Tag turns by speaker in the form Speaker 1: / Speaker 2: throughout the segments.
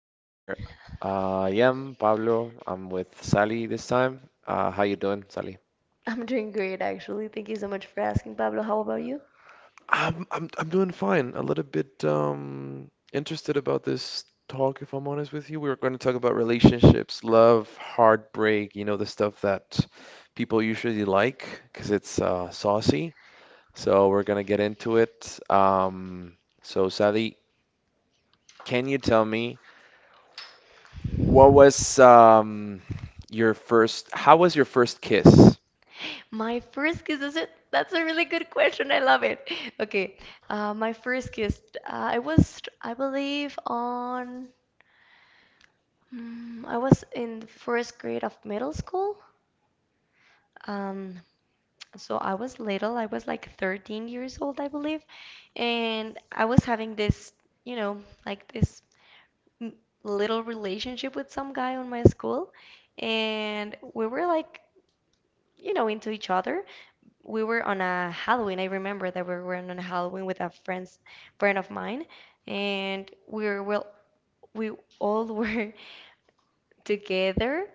Speaker 1: Here I am, Pablo. I'm with Sally this time. How you doing, Sally?
Speaker 2: I'm doing great, actually. Thank you so much for asking, Pablo. How about you?
Speaker 1: I'm doing fine. A little bit interested about this talk, if I'm honest with you. We are going to talk about relationships, love, heartbreak, you know, the stuff that people usually like because it's saucy. So we're gonna get into it. So Sally, can you tell me? What was your first? How was your first kiss?
Speaker 2: My first kiss, is it? That's a really good question. I love it. Okay, my first kiss. Uh, I was, I believe, on. I was in the first grade of middle school. Um, so I was little. I was like 13 years old, I believe, and I was having this, you know, like this mm, little relationship with some guy on my school, and we were like, you know, into each other. We were on a Halloween. I remember that we were on a Halloween with a friend's friend of mine, and we were we all were together.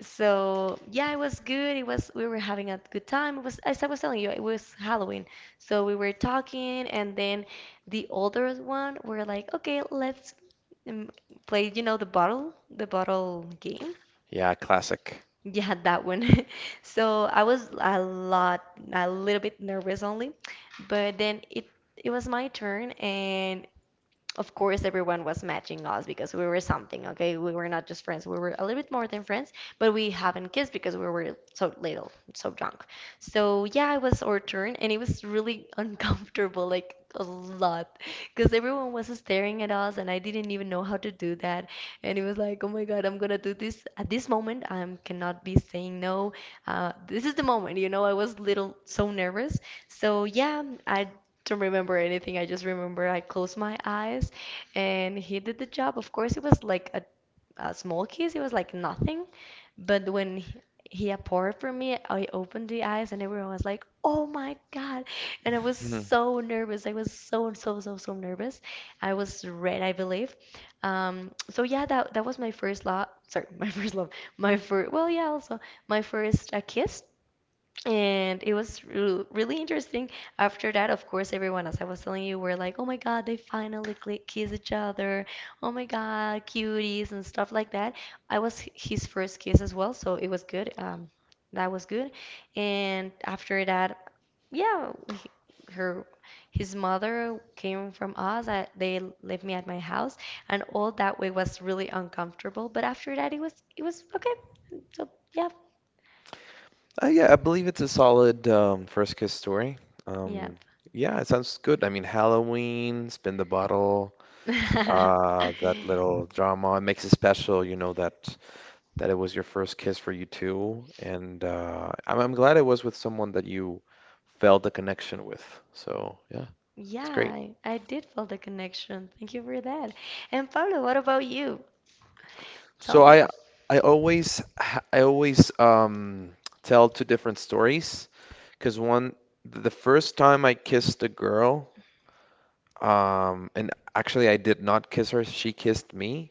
Speaker 2: So yeah, it was good. It was We were having a good time. It was, as I was telling you, it was Halloween. So we were talking, and then the older one were like, okay, let's um, play, you know, the bottle game.
Speaker 1: Yeah, classic.
Speaker 2: Yeah, that one. So I was a little bit nervous only, but then it was my turn, and of course everyone was matching us because we were something. Okay, we were not just friends, we were a little bit more than friends, but we haven't kissed because we were so little, so drunk. So yeah, it was our turn, and it was really uncomfortable, like a lot, because everyone was staring at us and I didn't even know how to do that. And it was like, oh my God, I'm gonna do this at this moment, I cannot be saying no. This is the moment, you know, I was little, so nervous. So yeah, I don't remember anything. I just remember I closed my eyes and he did the job. Of course, it was like a small kiss, it was like nothing. But when he poured for me, I opened the eyes, and everyone was like, "Oh my God!" And I was
Speaker 1: hmm
Speaker 2: so nervous. I was so, so, so, so nervous. I was red, I believe. So yeah, that was my first love. Sorry, my first love. My first. Well, yeah, also my first kiss. And it was really interesting. After that, of course, everyone, as I was telling you, were like, oh my God, they finally cli kiss each other. Oh my God, cuties and stuff like that. I was his first kiss as well, so it was good. That was good. And after that, yeah, her, his mother came from us. They left me at my house, and all that way was really uncomfortable. But after that, it was okay. So yeah,
Speaker 1: yeah, I believe it's a solid first kiss story.
Speaker 2: yeah.
Speaker 1: Um, yeah, it sounds good. I mean, Halloween, spin the bottle, that little drama. It makes it special, you know, that it was your first kiss for you too. And I'm glad it was with someone that you felt a connection with. So yeah, it's
Speaker 2: Yeah,
Speaker 1: great.
Speaker 2: I did feel the connection. Thank you for that. And Pablo, what about you? Tell
Speaker 1: So
Speaker 2: me.
Speaker 1: I always tell two different stories because one the first time I kissed a girl, and actually I did not kiss her, she kissed me.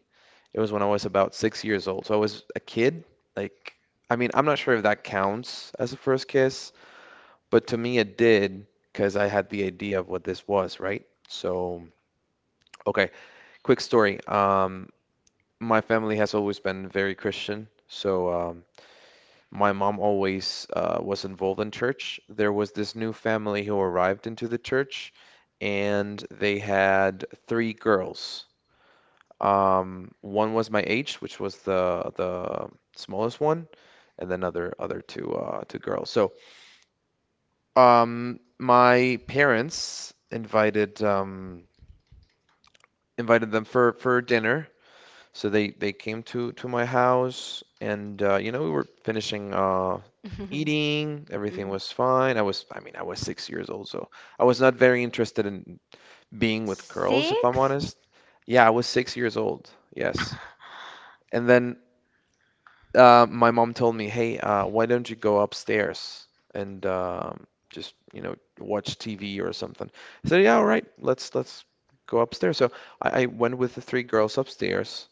Speaker 1: It was when I was about 6 years old, so I was a kid. like I mean, I'm not sure if that counts as a first kiss, but to me it did, because I had the idea of what this was, right? So okay, quick story. My family has always been very Christian, so my mom always was involved in church. There was this new family who arrived into the church, and they had three girls. One was my age, which was the smallest one, and then other two girls. So my parents invited them for dinner. So they came to my house, and you know, we were finishing eating. Everything
Speaker 2: Mhm.
Speaker 1: was fine. I was, I mean, I was 6 years old, so I was not very interested in being with girls, if I'm
Speaker 2: Six?
Speaker 1: honest. Yeah, I was 6 years old. Yes. And then my mom told me, "Hey, why don't you go upstairs and just, you know, watch TV or something?" I said, "Yeah, all right, let's go upstairs." So I went with the three girls upstairs.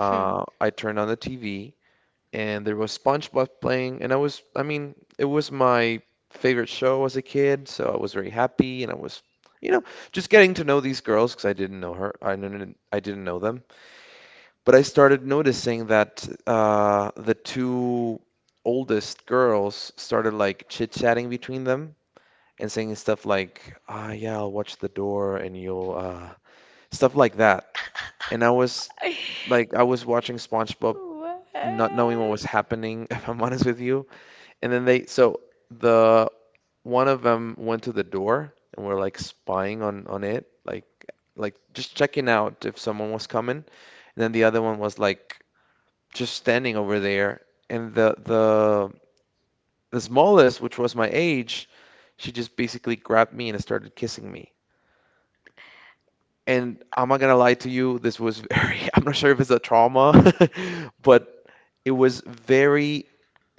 Speaker 2: Hmm.
Speaker 1: I turned on the TV and there was SpongeBob playing, and I was, I mean, it was my favorite show as a kid, so I was very happy, and I was, you know, just getting to know these girls because I didn't know her, I didn't know them, but I started noticing that the two oldest girls started like chit-chatting between them and saying stuff like, ah, yeah, I'll watch the door, and you'll, stuff like that, and I was like, I was watching SpongeBob. Not knowing what was
Speaker 2: What?
Speaker 1: happening, if I'm honest with you, and then they, so the one of them went to the door and were like spying on it, like just checking out if someone was coming. And then the other one was like just standing over there. And the smallest, which was my age, she just basically grabbed me and started kissing me. And I'm not gonna lie to you, this was very, I'm not sure if it's a trauma, but it was very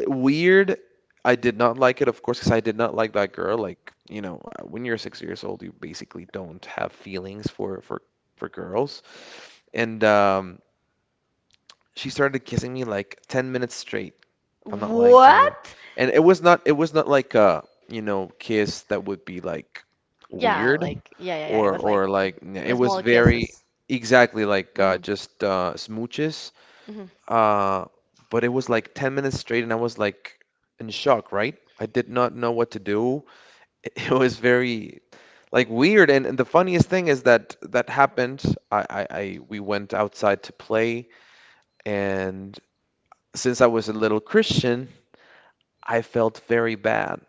Speaker 1: weird. I did not like it, of course, because I did not like that girl. Like, you know, when you're 6 years old, you basically don't have feelings for girls. And she started kissing me like 10 minutes straight. I'm not lying to you.
Speaker 2: What?
Speaker 1: And it was not like a, you know, kiss that would be like
Speaker 2: Yeah,
Speaker 1: weird
Speaker 2: like, yeah, yeah, yeah. It
Speaker 1: or
Speaker 2: was like
Speaker 1: like it
Speaker 2: the
Speaker 1: was
Speaker 2: small
Speaker 1: very
Speaker 2: kisses.
Speaker 1: exactly like
Speaker 2: Hmm.
Speaker 1: just smooches.
Speaker 2: Hmm.
Speaker 1: Uh, but it was like 10 minutes straight, and I was like in shock, right? I did not know what to do. It was very like weird. And the funniest thing is that that happened. I we went outside to play, and since I was a little Christian, I felt very bad.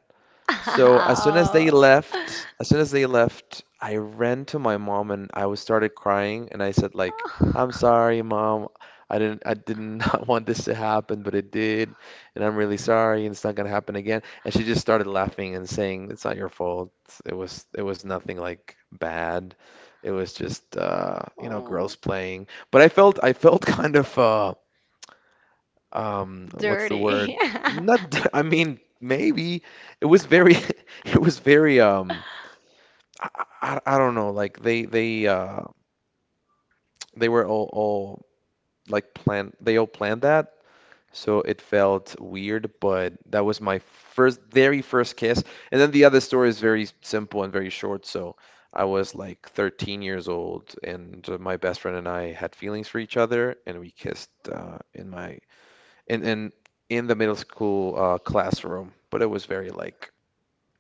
Speaker 1: So as soon as they
Speaker 2: Ow.
Speaker 1: left, I ran to my mom and I was started crying and I said like, "I'm sorry, mom. I did not want this to happen, but it did, and I'm really sorry and it's not gonna happen again." And she just started laughing and saying, "It's not your fault. It was nothing like bad. It was just you know, girls
Speaker 2: Oh.
Speaker 1: playing." But I felt kind of uh, what's the word?
Speaker 2: Dirty.
Speaker 1: Not I mean maybe it was very it was very I, I don't know, like they they were all like planned, they all planned that. So it felt weird, but that was my first, very first kiss. And then the other story is very simple and very short, so I was like 13 years old and my best friend and I had feelings for each other and we kissed in my in in in the middle school classroom, but it was very like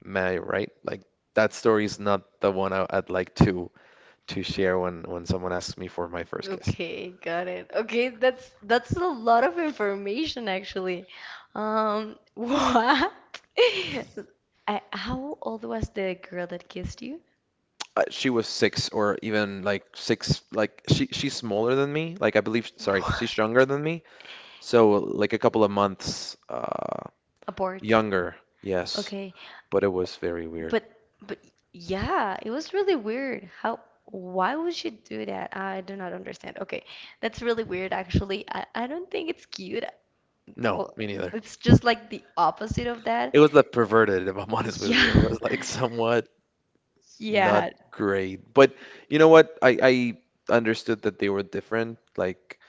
Speaker 1: meh, right? Like that story is not the one I'd like to share when someone asks me for my first kiss.
Speaker 2: Okay, got it. Okay, that's a lot of information actually. What? How old was the girl that kissed you?
Speaker 1: She was six or even like six, like she's smaller than me. Like I believe, sorry,
Speaker 2: What?
Speaker 1: she's younger than me. So like a couple of months
Speaker 2: Abort.
Speaker 1: younger, yes,
Speaker 2: Okay,
Speaker 1: but it was very weird.
Speaker 2: but but yeah, it was really weird. How? Why would she do that? I do not understand. Okay, that's really weird actually. I don't think it's cute.
Speaker 1: No,
Speaker 2: Well,
Speaker 1: me neither.
Speaker 2: it's just like the opposite of that.
Speaker 1: It was like perverted, if I'm honest with you. It
Speaker 2: Yeah,
Speaker 1: was like somewhat not
Speaker 2: yeah.
Speaker 1: great. But you know what? I understood that they were different. Like,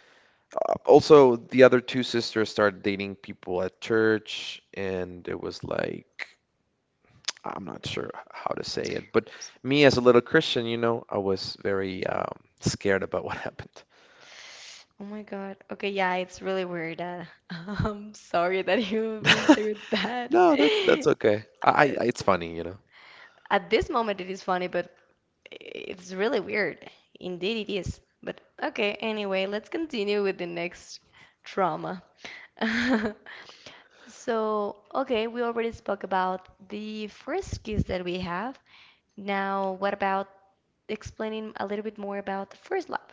Speaker 1: also, the other two sisters started dating people at church, and it was like, I'm not sure how to say it. But me, as a little Christian, you know, I was very scared about what happened.
Speaker 2: Oh my God. Okay, yeah, it's really weird. That I'm sorry that you've been through that.
Speaker 1: No, that's okay.
Speaker 2: Uh,
Speaker 1: I it's funny, you know.
Speaker 2: at this moment, it is funny, but it's really weird. Indeed, it is. But okay, anyway, let's continue with the next trauma. So, okay, we already spoke about the first kiss that we have. Now, what about explaining a little bit more about the first love?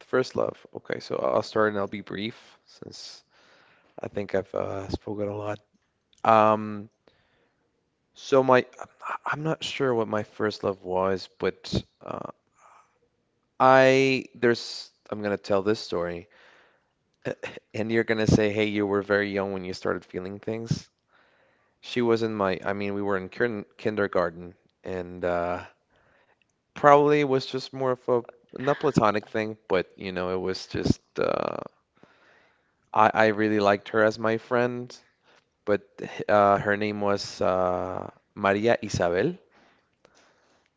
Speaker 1: The first love. Okay, so I'll start and I'll be brief since I think I've spoken a lot. Um, So my, I am not sure what my first love was, but uh, I'm gonna tell this story, and you're gonna say, "Hey, you were very young when you started feeling things." She was in my, I mean, we were in kindergarten, and probably was just more of a not platonic thing, but you know, it was just I really liked her as my friend, but her name was Maria Isabel.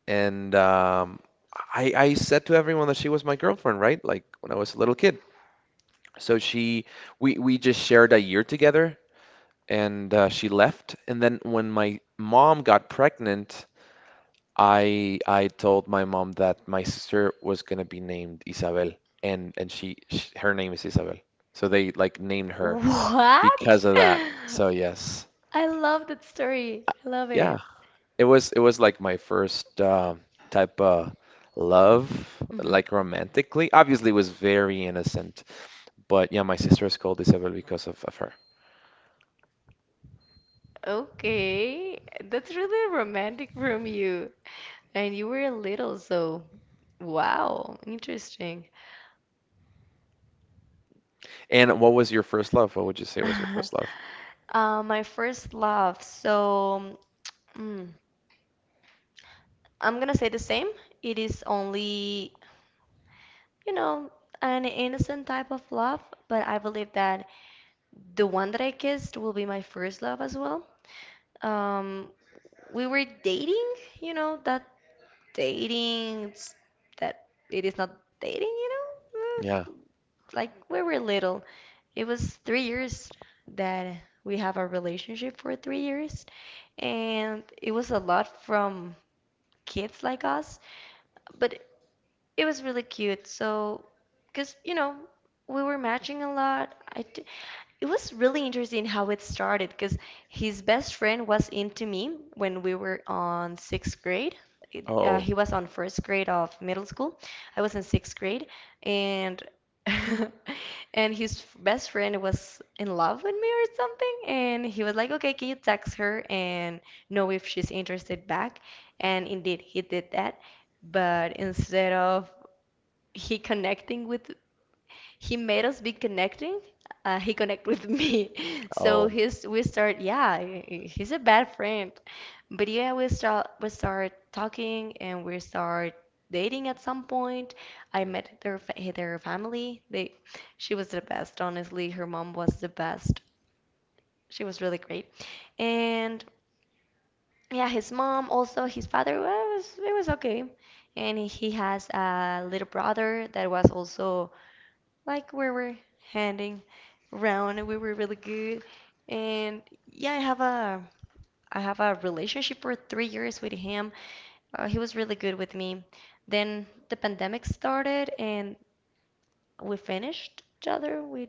Speaker 1: And I said to everyone that she was my girlfriend, right? Like when I was a little kid. So we just shared a year together and she left. And then when my mom got pregnant, I told my mom that my sister was going to be named Isabel. And she, sh her name is Isabel. So they like named her
Speaker 2: What?
Speaker 1: because of that. So yes.
Speaker 2: I love that story. I love
Speaker 1: Yeah.
Speaker 2: it.
Speaker 1: It was like my first type of love,
Speaker 2: Hmm.
Speaker 1: like romantically. Obviously, it was very innocent, but yeah, my sister is called Isabel because of her.
Speaker 2: Okay, that's really romantic from you. And you were little, so wow, interesting.
Speaker 1: And what was your first love? What would you say was your first love?
Speaker 2: My first love. So mm, I'm gonna say the same. It is only, you know, an innocent type of love, but I believe that the one that I kissed will be my first love as well. Um, we were dating, you know, that. Dating it's- that it is not dating, you know?
Speaker 1: Yeah.
Speaker 2: Like we were little, it was three years that we have a relationship for 3 years, and it was a lot from kids like us, but it was really cute. So, because you know, we were matching a lot. I It was really interesting how it started because his best friend was into me when we were on sixth grade.
Speaker 1: Oh,
Speaker 2: He was on first grade of middle school. I was in sixth grade, and and his best friend was in love with me or something. And he was like, "Okay, can you text her and know if she's interested back?" And indeed, he did that. But instead of he connecting with he made us be connecting. He connect with me, so
Speaker 1: oh.
Speaker 2: he's we start. Yeah, he's a bad friend, but yeah, we start talking and we start dating at some point. I
Speaker 1: Mm,
Speaker 2: met their family. She was the best. Honestly, her mom was the best. She was really great, and yeah, his mom also his father, was it was okay, and he has a little brother that was also like. We were handing round, we were really good. And yeah, I have a relationship for 3 years with him. He was really good with me. Then the pandemic started and we finished each other. We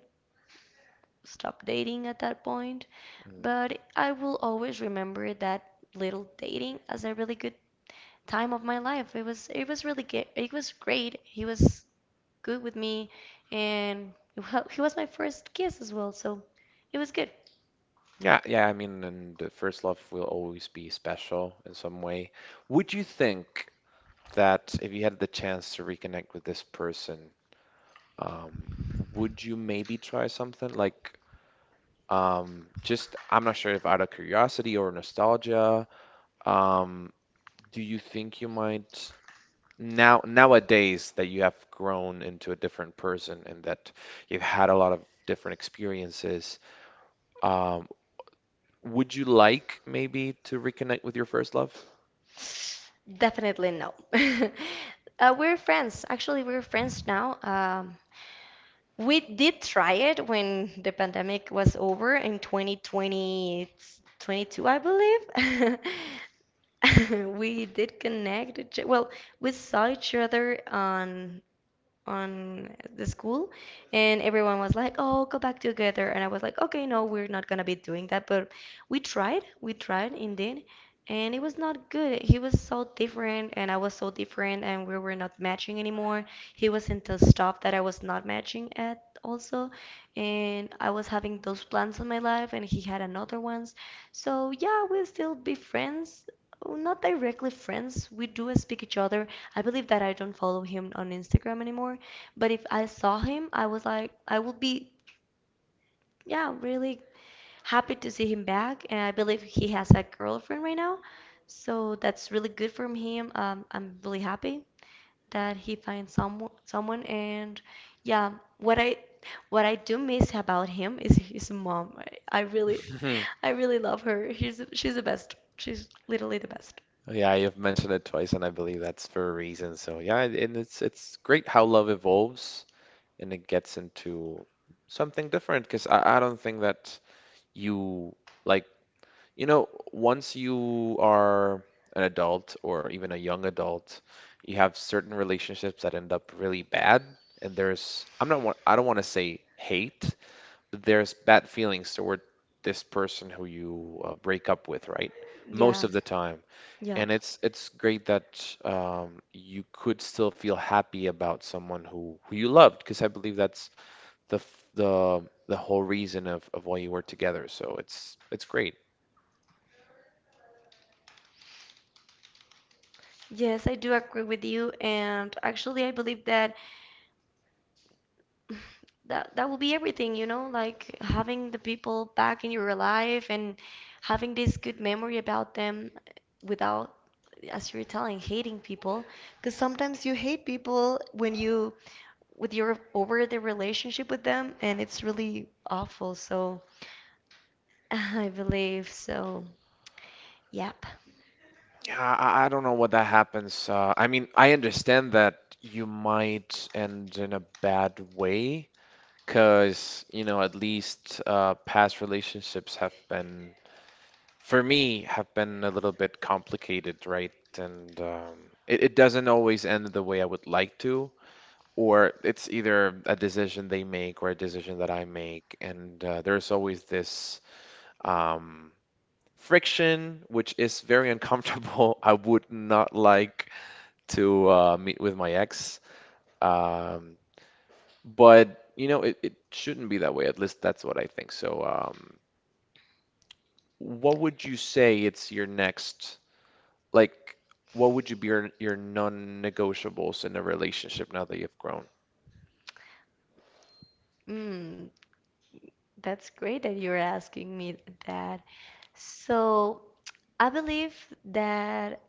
Speaker 2: stopped dating at that point.
Speaker 1: mm.
Speaker 2: But I will always remember that little dating as a really good time of my life. It was really good. It was great. He was good with me, and well, he was my first kiss as well, so it was good.
Speaker 1: Yeah, yeah, I mean, and the first love will always be special in some way. Would you think that if you had the chance to reconnect with this person, um, would you maybe try something like, just I'm not sure if out of curiosity or nostalgia, um, do you think you might now nowadays that you have grown into a different person and that you've had a lot of different experiences, um, would you like maybe to reconnect with your first love?
Speaker 2: Definitely no. We're friends. Actually, we're friends now. We did try it when the pandemic was over in 2020, I believe. We did connect. Well, we saw each other on on the school, and everyone was like, oh, go back together, and I was like, okay, no, we're not gonna be doing that. But we tried, indeed, and it was not good. He was so different and I was so different and we were not matching anymore. He was into stuff that I was not matching at also, and I was having those plans in my life and he had another ones. So yeah, we'll still be friends. Oh, not directly friends. We do speak each other. I believe that I don't follow him on Instagram anymore. But if I saw him, I was like, I would be, yeah, really happy to see him back. And I believe he has a girlfriend right now. So that's really good from him. I'm really happy that he finds someone. And yeah, what I what I do miss about him is his mom. Really, I really love her. She's the best. She's literally the best.
Speaker 1: Yeah, you've mentioned it twice, and I believe that's for a reason. So yeah, and it's great how love evolves and it gets into something different because I don't think that you like you know, once you are an adult or even a young adult, you have certain relationships that end up really bad, and there's I'm not wa- I don't want to say hate, but there's bad feelings toward this person who you break up with, right? Most
Speaker 2: Yeah,
Speaker 1: of the time. And
Speaker 2: yep.
Speaker 1: it's great that you could still feel happy about someone who you loved, because I believe that's the whole reason of why you were together. So it's great.
Speaker 2: Yes, I do agree with you. And actually, I believe that that will be everything, you know, like having the people back in your life and having this good memory about them without, as you were telling, hating people. Because sometimes you hate people when you with your over the relationship with them, and it's really awful. So I believe so. Yep.
Speaker 1: Yeah, I don't know what that happens. I mean, I understand that you might end in a bad way, because, you know, at least past relationships have been, for me, have been a little bit complicated, right? And It doesn't always end the way I would like to, or it's either a decision they make or a decision that I make. And there's always this um, friction, which is very uncomfortable. I would not like to meet with my ex. Um, but it shouldn't be that way. At least that's what I think. So, what would you say it's your next, like, what would you be your non-negotiables in a relationship now that you've grown?
Speaker 2: Mm, that's great that you're asking me that. So I believe that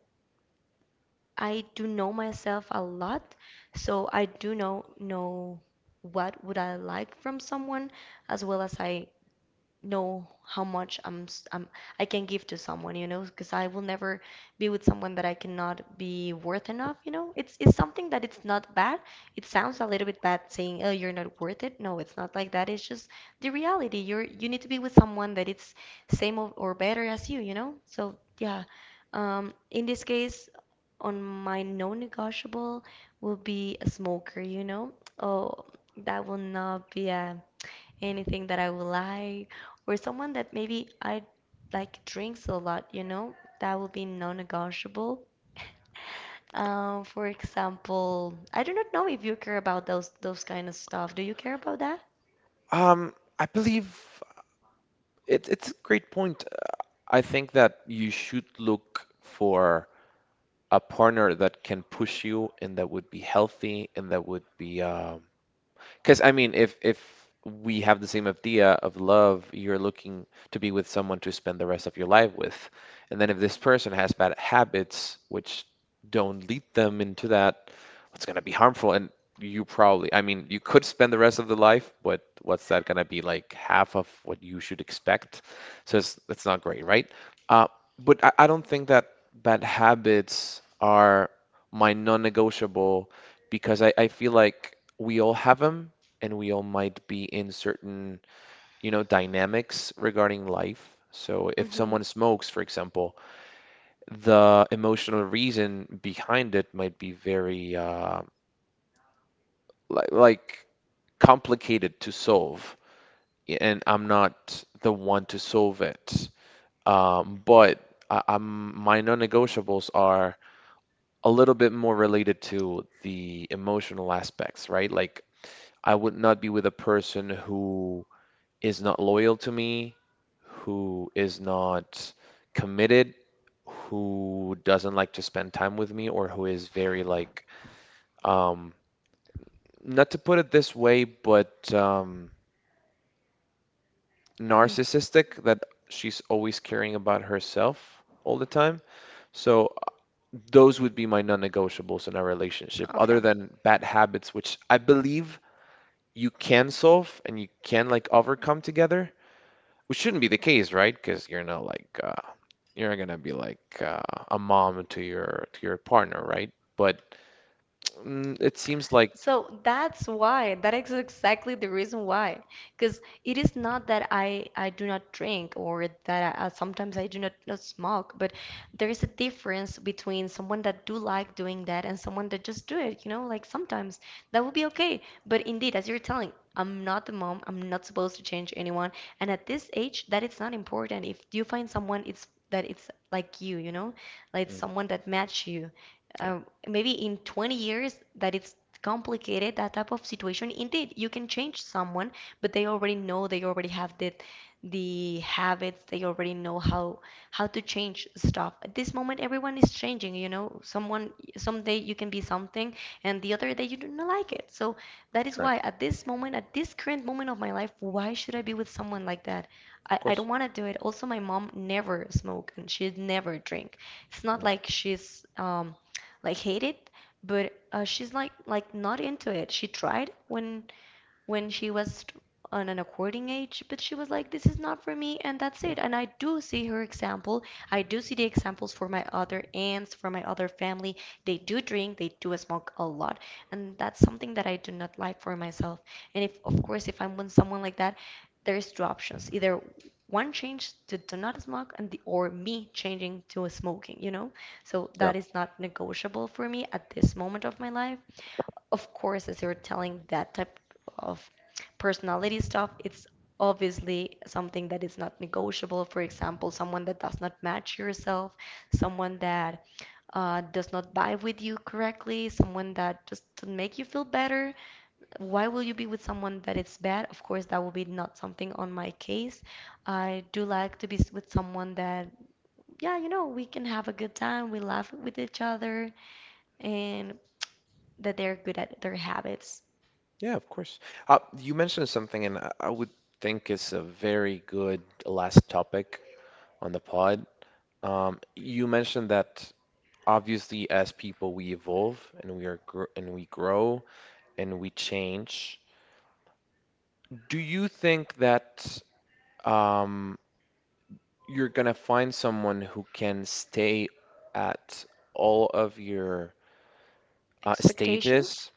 Speaker 2: I do know myself a lot, so I do know what would I like from someone, as well as I know how much I'm, s- I'm I can give to someone, you know, because I will never be with someone that I cannot be worth enough, you know. It's something that it's not bad. It sounds a little bit bad saying, "Oh, you're not worth it." No, it's not like that. It's just the reality. You need to be with someone that it's same or better as you, you know. So yeah, in this case on my non-negotiable will be a smoker, you know? Oh, that will not be anything that I will like, or someone that maybe I like drinks a lot, you know? That will be non-negotiable. For example, I do not know if you care about those kind of stuff. Do you care about that?
Speaker 1: I believe it's a great point. I think that you should look for a partner that can push you and that would be healthy and that would be because I mean, if we have the same idea of love, you're looking to be with someone to spend the rest of your life with. And then if this person has bad habits, which don't lead them into that, it's going to be harmful. And you probably, I mean, you could spend the rest of the life, but what's that going to be like half of what you should expect? So it's not great, right? Uh, but I don't think that bad habits are my non-negotiable, because I feel like we all have them and we all might be in certain, you know, dynamics regarding life. So if
Speaker 2: Mm-hmm.
Speaker 1: someone smokes, for example, the emotional reason behind it might be very li like complicated to solve, and I'm not the one to solve it. But I, I'm my non-negotiables are a little bit more related to the emotional aspects, right? Like I would not be with a person who is not loyal to me, who is not committed, who doesn't like to spend time with me, or who is very um, not to put it this way, but
Speaker 2: Mm-hmm.
Speaker 1: narcissistic, that she's always caring about herself all the time. So those would be my non-negotiables in a relationship,
Speaker 2: Okay.
Speaker 1: other than bad habits, which I believe you can solve and you can like overcome together. Which shouldn't be the case, right? Because you're not like you're not gonna be like a mom to your partner, right? But mm, it seems like
Speaker 2: So that's why, that is exactly the reason why. Because it is not that I do not drink, or that sometimes I do not, not smoke. But there is a difference between someone that do like doing that and someone that just do it, you know, like sometimes that would be okay. But indeed, as you're telling, I'm not the mom, I'm not supposed to change anyone. And at this age, that it's not important. If you find someone, it's that it's like you know, like
Speaker 1: mm,
Speaker 2: someone that match you
Speaker 1: yeah,
Speaker 2: uh, maybe in 20 years that it's complicated, that type of situation. Indeed, you can change someone, but they already know, they already have the habits, they already know how to change stuff. At this moment, everyone is changing, you know. Someone someday you can be something, and the other day you do not like it. So that is
Speaker 1: correct,
Speaker 2: why at this moment, at this current moment of my life, why should I be with someone like that?
Speaker 1: of
Speaker 2: I
Speaker 1: course.
Speaker 2: don't want to do it. Also, my mom never smoked and she never drink. It's not
Speaker 1: Mm,
Speaker 2: like she's like hated, but she's like not into it. She tried when she was on an according age, but she was like, this is not for me, and that's
Speaker 1: yeah,
Speaker 2: it. And I do see her example. I do see the examples for my other aunts, for my other family. They do drink, they do smoke a lot, and that's something that I do not like for myself. And if, of course, if I'm with someone like that, there's two options: either one change to do not smoke, and the, or me changing to smoking. You know, so
Speaker 1: yeah,
Speaker 2: that is not negotiable for me at this moment of my life. Of course, as you're telling, that type of personality stuff, it's obviously something that is not negotiable. For example, someone that does not match yourself, someone that does not vibe with you correctly, someone that just doesn't make you feel better. Why will you be with someone that is bad? Of course, that will be not something on my case. I do like to be with someone that, yeah, you know, we can have a good time, we laugh with each other, and that they're good at their habits.
Speaker 1: yeah, of course. You mentioned something, and I would think is a very good last topic on the pod. You mentioned that obviously as people we evolve and we grow and we change. Do you think that um, you're gonna find someone who can stay at all of your
Speaker 2: Expectations?
Speaker 1: stages,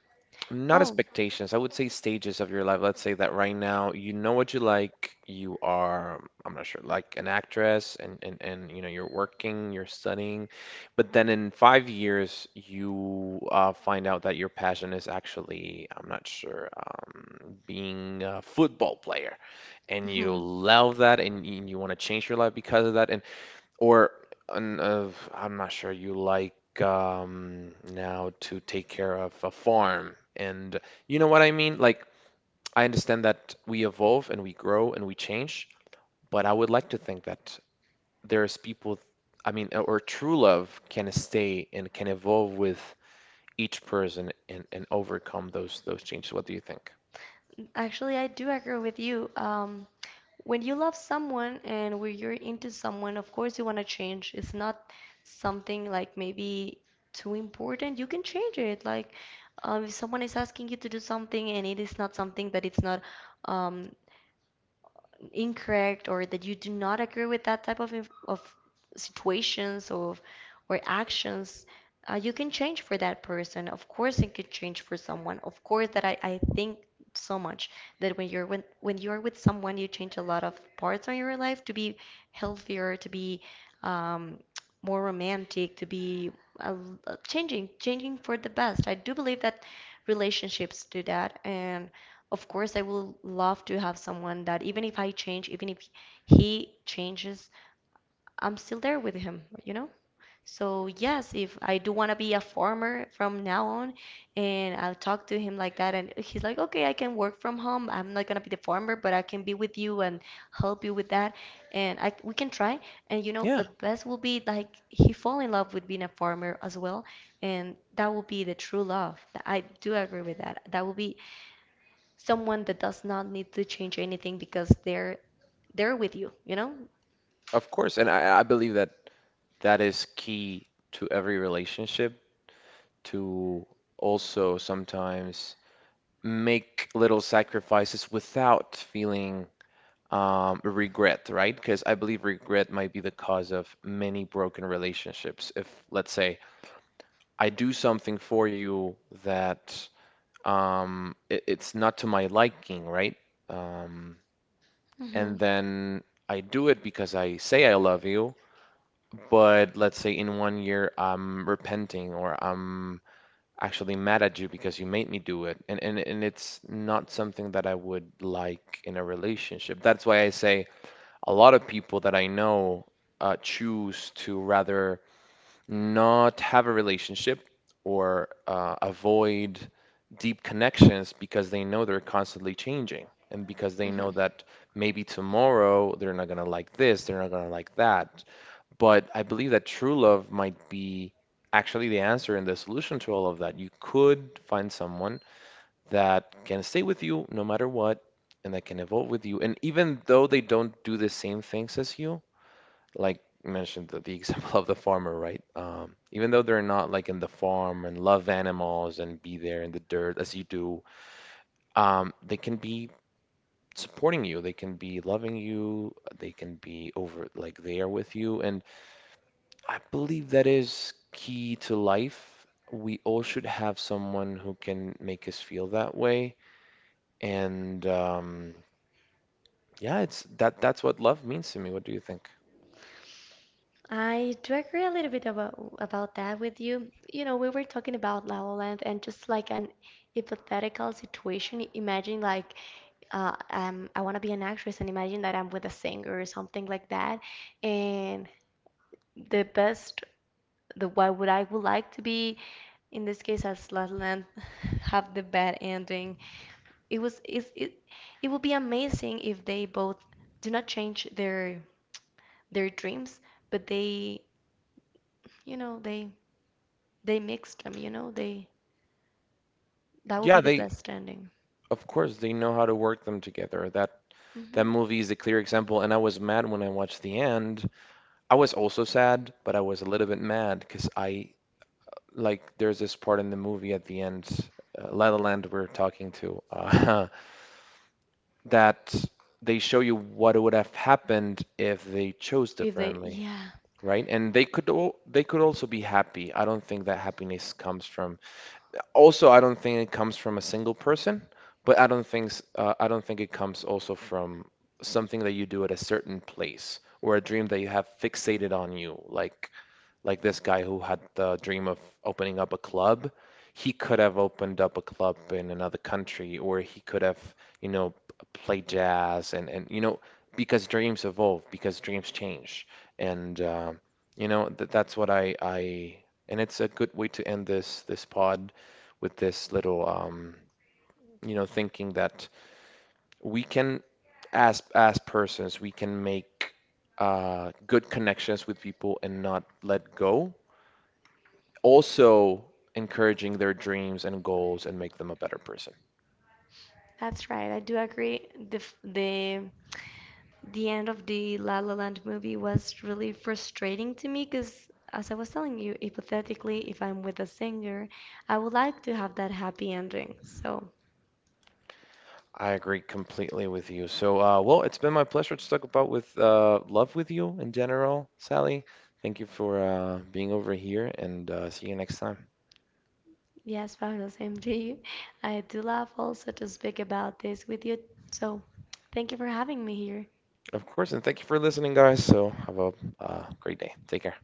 Speaker 1: not
Speaker 2: Oh,
Speaker 1: expectations, I would say stages of your life. Let's say that right now you know what you like, you are, I'm not sure, like an actress and you know, you're working, you're studying, but then in 5 years you find out that your passion is actually, I'm not sure, being a football player and you
Speaker 2: hmm.
Speaker 1: love that and you want to change your life because of that. And or I'm not sure you like now to take care of a farm. And you know what I mean? Like, I understand that we evolve and we grow and we change, but I would like to think that there's people, I mean, or true love can stay and can evolve with each person and overcome those changes. What do you think?
Speaker 2: Actually, I do agree with you. When you love someone and when you're into someone, of course you want to change. It's not something like maybe too important. You can change it. Like, if someone is asking you to do something and it is not something that it's not um, incorrect or that you do not agree with that type of of situations of or actions, you can change for that person. Of course, it could change for someone. Of course, that I think so much that when you're when you're with someone, you change a lot of parts on your life to be healthier, to be um, more romantic, to be uh, changing for the best. I do believe that relationships do that, and of course, I will love to have someone that even if I change, even if he changes, I'm still there with him, you know? So, yes, if I do want to be a farmer from now on, and I'll talk to him like that, and he's like, okay, I can work from home. I'm not going to be the farmer, but I can be with you and help you with that. And I, we can try. And, you know,
Speaker 1: Yeah,
Speaker 2: the best will be like he fall in love with being a farmer as well. And that will be the true love. I do agree with that. That will be someone that does not need to change anything because they're with you, you know?
Speaker 1: of course. And I believe that that is key to every relationship to also sometimes make little sacrifices without feeling regret, right? Because I believe regret might be the cause of many broken relationships. If, let's say, I do something for you that it's not to my liking, right? Um,
Speaker 2: Mm-hmm.
Speaker 1: and then I do it because I say I love you, but let's say in 1 year I'm repenting or I'm actually mad at you because you made me do it. And, and it's not something that I would like in a relationship. That's why I say a lot of people that I know choose to rather not have a relationship or avoid deep connections because they know they're constantly changing. And because they
Speaker 2: Mm-hmm.
Speaker 1: know that maybe tomorrow they're not gonna like this, they're not gonna like that. But I believe that true love might be actually the answer and the solution to all of that. You could find someone that can stay with you no matter what and that can evolve with you. And even though they don't do the same things as you, like you mentioned the example of the farmer, right? Even though they're not like in the farm and love animals and be there in the dirt as you do, they can be supporting you. They can be loving you. They can be over like there with you. And I believe that is key to life. We all should have someone who can make us feel that way. And yeah, it's that's what love means to me. What do you think?
Speaker 2: I do agree a little bit about that with you. You know, we were talking about La La Land and just like an hypothetical situation. Imagine like I want to be an actress and imagine that I'm with a singer or something like that. And the best, the why would I would like to be in this case as La La Land have the bad ending. It was it would be amazing if they both do not change their dreams, but they, you know, they mixed them, you know, they that would be
Speaker 1: Yeah,
Speaker 2: the
Speaker 1: they
Speaker 2: best ending.
Speaker 1: of course they know how to work them together. That that
Speaker 2: Hmm.
Speaker 1: movie is a clear example. And I was mad when I watched the end. I was also sad, but I was a little bit mad because I like there's this part in the movie at the end, La La Land, we're talking to. That they show you what would have happened if they chose
Speaker 2: If they,
Speaker 1: differently,
Speaker 2: yeah,
Speaker 1: right? And they could all, they could also be happy. I don't think that happiness comes from. Also, I don't think it comes from a single person, but I don't think I don't think it comes also from something that you do at a certain place or a dream that you have fixated on you, like this guy who had the dream of opening up a club, he could have opened up a club in another country, or he could have, you know, played jazz and you know, because dreams evolve, because dreams change, and you know th that's what I and it's a good way to end this pod with this little you know, thinking that we can as persons we can make good connections with people and not let go also encouraging their dreams and goals and make them a better person.
Speaker 2: that's right. I do agree. The end of the La La Land movie was really frustrating to me because, as I was telling you, hypothetically, if I'm with a singer, I would like to have that happy ending. So
Speaker 1: I agree completely with you. So, well, it's been my pleasure to talk about with love with you in general, Sally. Thank you for being over here and see you next time.
Speaker 2: yes, Pablo, same to you. I do love also to speak about this with you. So, thank you for having me here.
Speaker 1: Of course, and thank you for listening, guys. So, have a great day. Take care.